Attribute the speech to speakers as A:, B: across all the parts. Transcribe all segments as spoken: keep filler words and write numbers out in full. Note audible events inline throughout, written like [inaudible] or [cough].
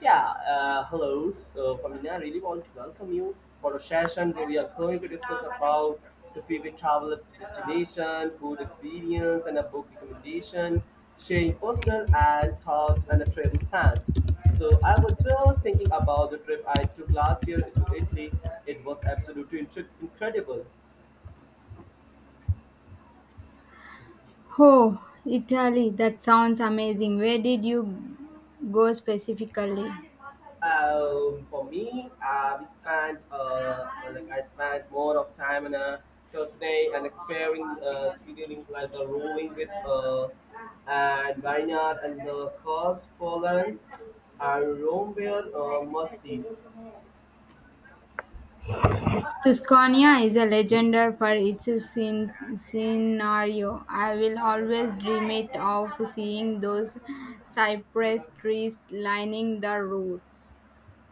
A: Yeah, uh, hello, so Famina. Really want to welcome you for a session. So we are going to discuss about the favorite travel destination, food experience, and a book recommendation, sharing personal and thoughts and the travel plans. So I was just thinking about the trip I took last year to Italy. It was absolutely intre- incredible.
B: Italy, that sounds amazing. Where did you go specifically?
A: Um, for me, uh, we spent uh, uh, like I spent more of time on a Thursday and exploring, uh, scheduling like the rowing with uh, and vineyard and the coast Florence and Rome were uh, must sees.
B: Tuscania is a legendary for its scen- scenario. I will always dream it of seeing those cypress trees lining the roads.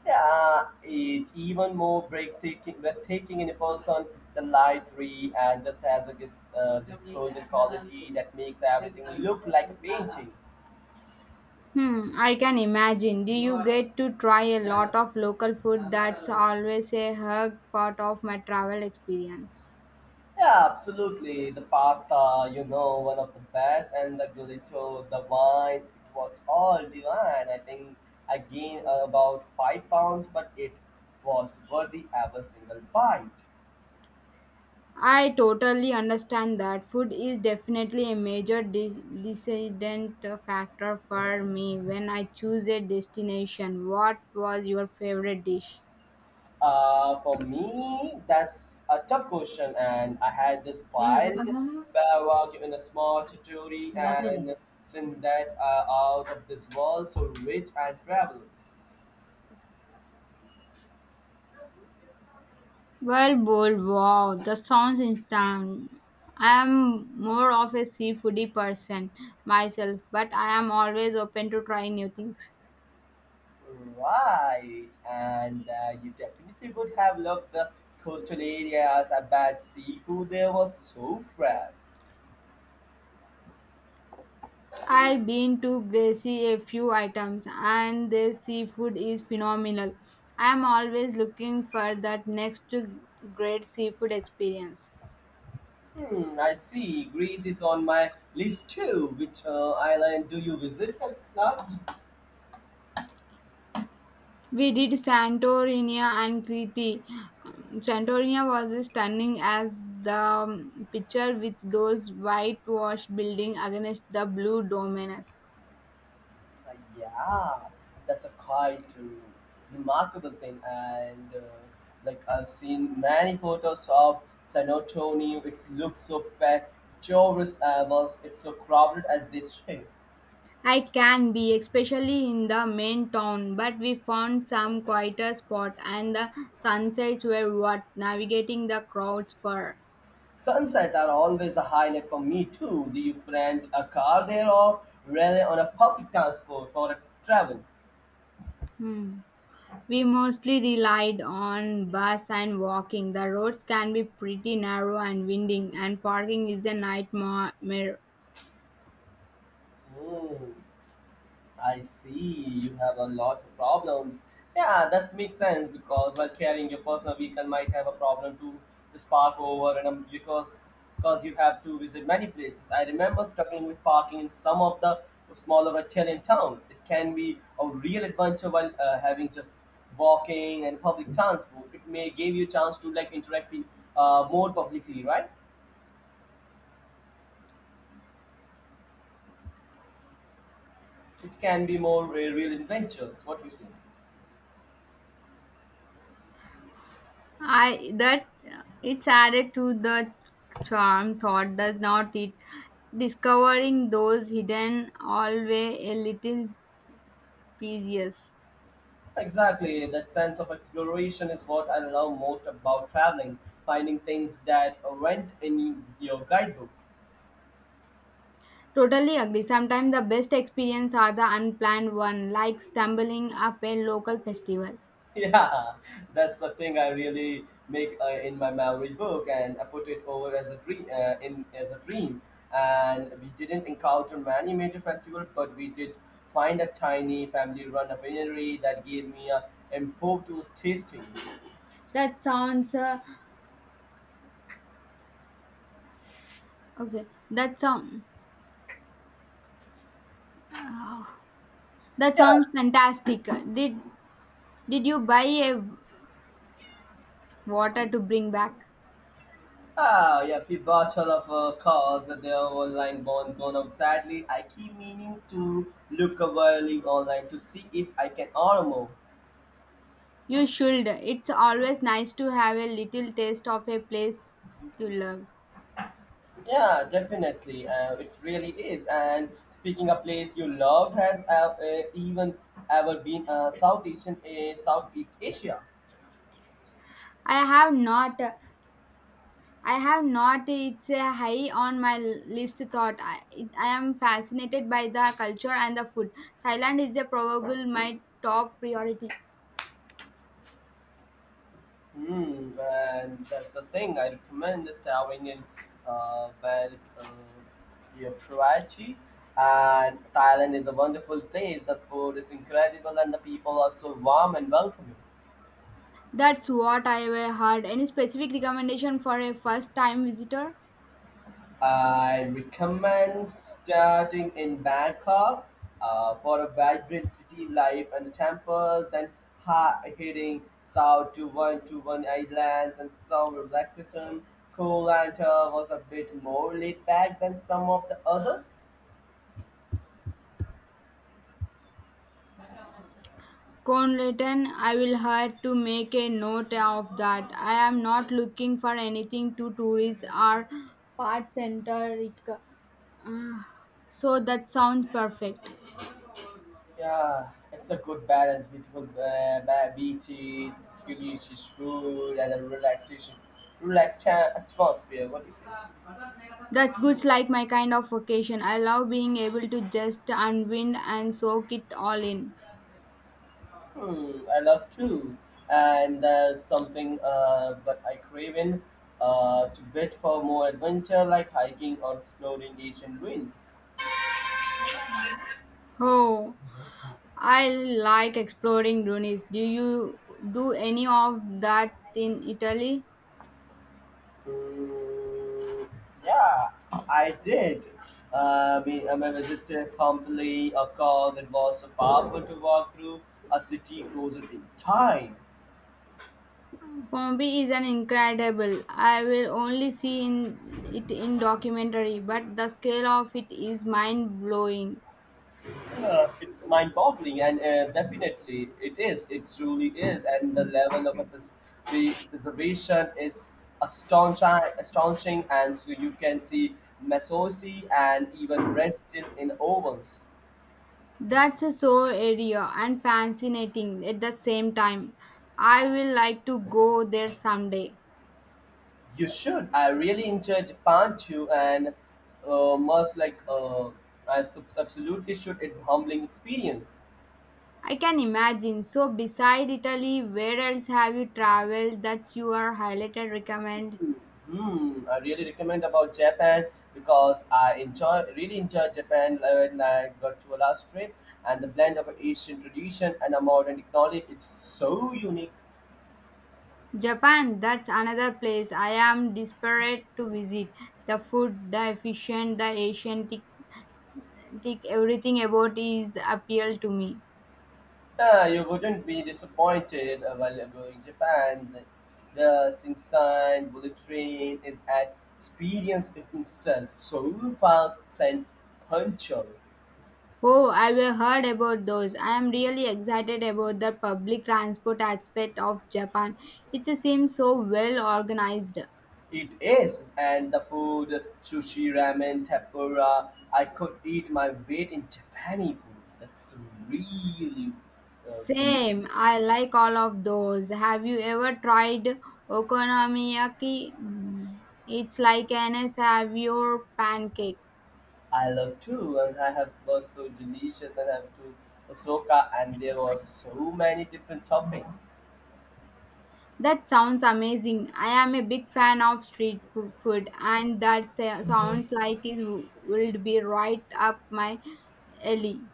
A: Yeah, it even more breathtaking, breathtaking in a person, the library, and just has a, this, uh, this golden quality that makes everything look like a painting.
B: Hmm, I can imagine. Do you get to try a lot of local food? That's always a hug part of my travel experience.
A: Yeah, absolutely. The pasta, you know, one of the best, and the gelato, the wine, it was all divine. I think I gained uh, about five pounds, but it was worthy every single bite.
B: I totally understand that food is definitely a major de- decident factor for me when I choose a destination. What was your favorite dish?
A: Uh, for me, that's a tough question, and I had this wild bawa in a small territory, and since that uh, out of this world, so rich and travel.
B: Well, bowl, wow, that sounds instant. I am more of a seafoodie person myself, but I am always open to try new things.
A: Right, and uh, you definitely would have loved the coastal areas. I bet seafood there was so fresh.
B: I've been to Gracie a few items and their seafood is phenomenal. I'm always looking for that next great seafood experience.
A: Hmm, I see. Greece is on my list too. Which uh, island do you visit at last?
B: We did Santorini and Crete. Santorini was stunning as the um, picture with those whitewashed buildings against the blue dominus.
A: Uh, yeah, that's a quite uh, remarkable thing. And uh, like I've seen many photos of San Antonio. It looks so picturesque. Uh, was it's so crowded as they say. [laughs]
B: I can be, especially in the main town, but we found some quieter spot and the sunsets were worth navigating the crowds for.
A: Sunsets are always a highlight for me too. Do you rent a car there or rely on a public transport for travel?
B: Hmm. We mostly relied on bus and walking. The roads can be pretty narrow and winding, and parking is a nightmare.
A: Hmm. I see you have a lot of problems. Yeah, that makes sense because while carrying your personal vehicle might have a problem to just park over and um, because because you have to visit many places. I remember struggling with parking in some of the smaller Italian towns. It can be a real adventure while uh, having just walking and public transport. It may give you chance to like interact uh, more publicly, right? It can be more uh, real adventures. What you say?
B: I that it's added to the charm thought does not it discovering those hidden always a little precious.
A: Exactly, that sense of exploration is what I love most about traveling, finding things that weren't in your guidebook. [laughs]
B: Totally agree. Sometimes the best experience are the unplanned one, like stumbling up a local festival.
A: Yeah, that's the thing I really make uh, in my memory book, and I put it over as a dream. Uh, in as a dream, and we didn't encounter many major festivals, but we did find a tiny family-run winery that gave me a impromptu tasting.
B: That sounds uh, okay. That sound that
A: Yeah.
B: sounds fantastic. Did did you buy a water to bring back?
A: Ah, yeah, if you bottle of uh, course that they are online born. Gone out sadly. I keep meaning to look available online to see if I can order more.
B: You should. It's always nice to have a little taste of a place you love.
A: Yeah, definitely. Uh, it really is. And speaking of place you loved, has uh, uh, even ever been uh, Southeast uh, Southeast Asia?
B: I have not. I have not. It's a high on my list thought. I, it, I am fascinated by the culture and the food. Thailand is a probable my top priority.
A: Mm, and that's the thing. I recommend starting in uh, well, uh, your variety. And Thailand is a wonderful place. The food is incredible, and the people are so warm and welcoming.
B: That's what I have heard. Any specific recommendation for a first time visitor?
A: I recommend starting in Bangkok uh, for a vibrant city life and the temples, then ha- heading south to one to one islands and some relaxation. Koh Lanta was a bit more laid back than some of the others.
B: Conlaton, I will have to make a note of that. I am not looking for anything to tourists or part centric. Uh, so that sounds perfect.
A: Yeah, it's a good balance between uh, ba- beaches, delicious food, and a relaxation, relaxed ta- atmosphere. What do you say?
B: That's good, like my kind of vacation. I love being able to just unwind and soak it all in.
A: Hmm, I love too. And there's something uh, but I crave in uh, to bit for more adventure like hiking or exploring ancient ruins.
B: Oh, I like exploring ruins. Do you do any of that in Italy?
A: Hmm, yeah, I did. Uh, me, um, I visited Pompeii, of course. It was so powerful to walk through a city frozen in time.
B: Pompeii is an incredible. I will only see in it in documentary, but the scale of it is mind blowing.
A: Yeah, it's mind-boggling, and uh, definitely it is. It truly is, and the level of a pres- pre- preservation is astonishing, astonishing. And so you can see masosi and even bread still in ovens.
B: That's a so area and fascinating at the same time. I will like to go there someday.
A: You should. I really enjoyed Japan too, and uh, must like uh, I sub- absolutely should. It humbling experience.
B: I can imagine. So, beside Italy, where else have you traveled that you are highlighted recommend?
A: Hmm, I really recommend about Japan because I enjoy really enjoyed Japan when I got to a last trip and the blend of Asian tradition and a modern technology it's so unique.
B: Japan, that's another place I am desperate to visit. The food, the efficient, the Asian, tic- tic- everything about is appeal to me.
A: Ah, you wouldn't be disappointed uh, while going Japan. The Shinkansen bullet train is an experience in itself, so fast and punctual.
B: Oh, I have heard about those. I am really excited about the public transport aspect of Japan. It seems so well organized.
A: It is, and the food, sushi, ramen, tempura, I could eat my weight in Japanese food. That's really uh, delicious.
B: Same, I like all of those. Have you ever tried okonomiyaki? Mm, it's like an your pancake.
A: I love too, and I have was so delicious, and I have to Osaka, and there was so many different toppings.
B: That sounds amazing. I am a big fan of street fo- food, and that sa- sounds like it w- would be right up my alley.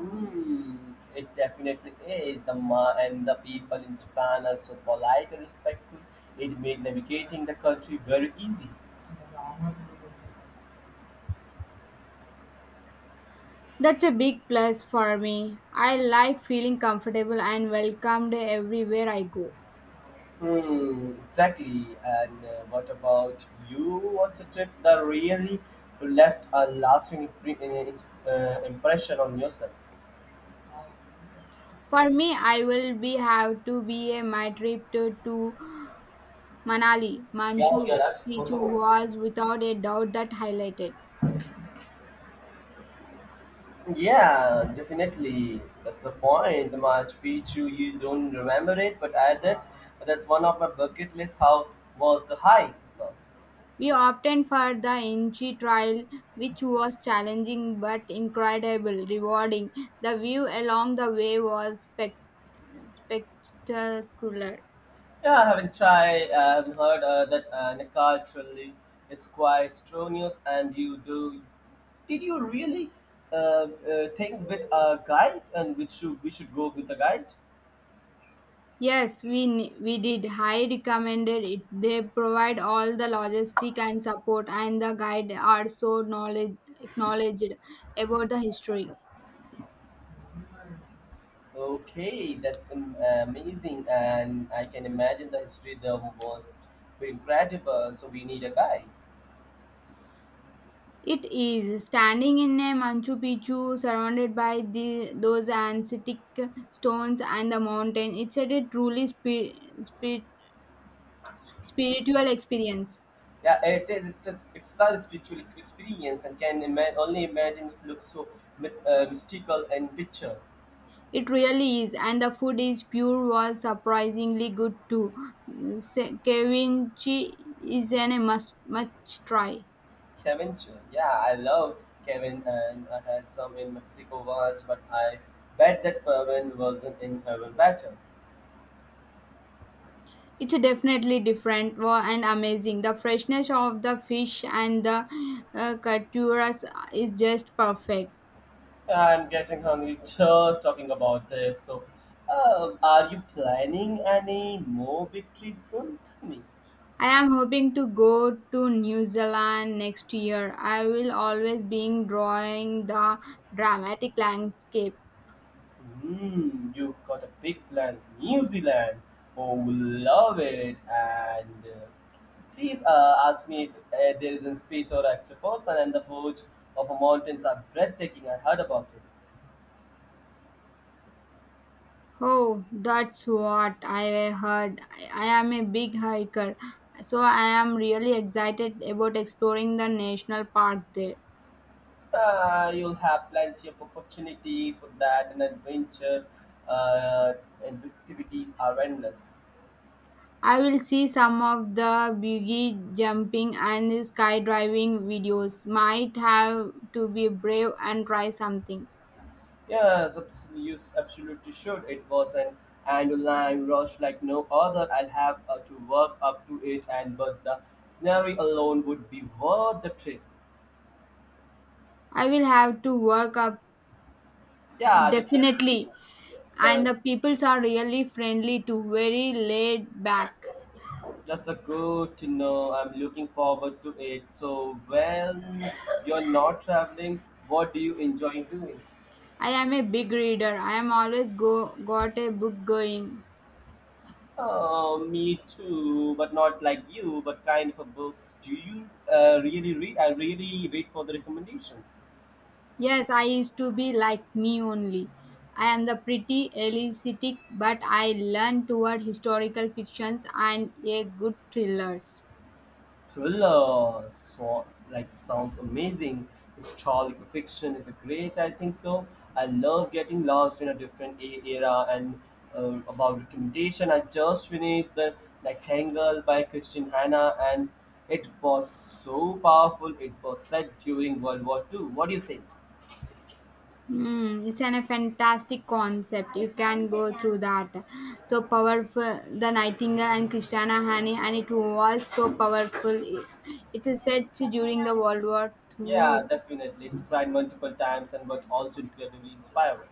A: Mm, it definitely is. The ma and the people in Japan are so polite and respectful. It made navigating the country very easy.
B: That's a big plus for me. I like feeling comfortable and welcomed everywhere I go.
A: Hmm, exactly. And uh, what about you? What's a trip that really left a lasting impre- uh, ins- uh, impression on yourself?
B: For me, I will be have to be a my trip to, to Manali,
A: क्या हो गया
B: Manchu
A: राज कौन
B: Picchu
A: लोग
B: was without a doubt that highlighted.
A: Yeah, definitely. That's the point. The Machu Picchu, you don't remember it, but I did. That's one of my bucket list. How was the hike?
B: We opted for the Inchi trial, which was challenging but incredible, rewarding. The view along the way was spec- spectacular.
A: Yeah, I haven't tried. uh, I haven't heard uh, that uh, culturally is quite strenuous, and you do. Did you really uh, uh, think with a guide, and which should we should go with a guide?
B: Yes, we ne- we did. I recommended it. They provide all the logistic and support, and the guide are so knowledge acknowledged about the history.
A: Okay, that's um, amazing, and I can imagine the history there was incredible. So we need a guide.
B: It is standing in a Machu Picchu surrounded by the those ancient stones and the mountain. It's a truly spi- spi-
A: Spiritual-
B: spiritual experience.
A: Yeah, it is. It's just it's such a spiritual experience, and can ima- only imagine it looks so myth- uh, mystical and picture.
B: It really is, and the food is pure was surprisingly good too. Se- Ceviche is an a must must try.
A: Cavendish. Yeah, I love Kevin, and I had some in Mexico once, but I bet that Kevin wasn't in heaven better.
B: It's a definitely different wa- and amazing. The freshness of the fish and the uh, caturas is just perfect.
A: I'm getting hungry just talking about this. So, uh, are you planning any more big trips soon? Tell me.
B: I am hoping to go to New Zealand next year. I will always be drawing the dramatic landscape.
A: Hmm, you got a big plans. New Zealand. Oh, love it. And uh, please uh, ask me if uh, there is a space or extra person, and the foods of a mountains are breathtaking. I heard about it.
B: Oh, that's what I heard. I I am a big hiker, so I am really excited about exploring the national park there.
A: Uh, you'll have plenty of opportunities for that, and adventure uh, and activities are endless.
B: I will see some of the buggy jumping and skydiving videos. Might have to be brave and try something.
A: Yes, abs- you s- absolutely should. It was an annual rush like no other. I'll have uh, to work up to it, and but the scenery alone would be worth the trip.
B: I will have to work up
A: Yeah, definitely.
B: definitely. And
A: The
B: the peoples are really friendly too, very laid back.
A: just a good to know. I'm looking forward to it. So when you're not traveling, what do you enjoy doing?
B: I am a big reader. I am always go got a book going.
A: Oh, me too, but not like you. But kind of a books do you uh, really read? I really wait for the recommendations.
B: Yes, I used to be like me only. I am the pretty elicit, but I learn toward historical fictions and a good thrillers.
A: Thriller, so, like sounds amazing. Historical fiction is a great. I think so. I love getting lost in a different e- era and uh, about recommendation. I just finished the Rectangle by Christian Hanna, and it was so powerful. It was set during World War Two. What do you think?
B: Mm, it's an, a fantastic concept. You can go through that. So powerful, the Nightingale and Christiana Hani, and it was so powerful. It, it is set during the World War
A: Yeah,
B: Two.
A: definitely. It's cried multiple times and but also incredibly inspiring.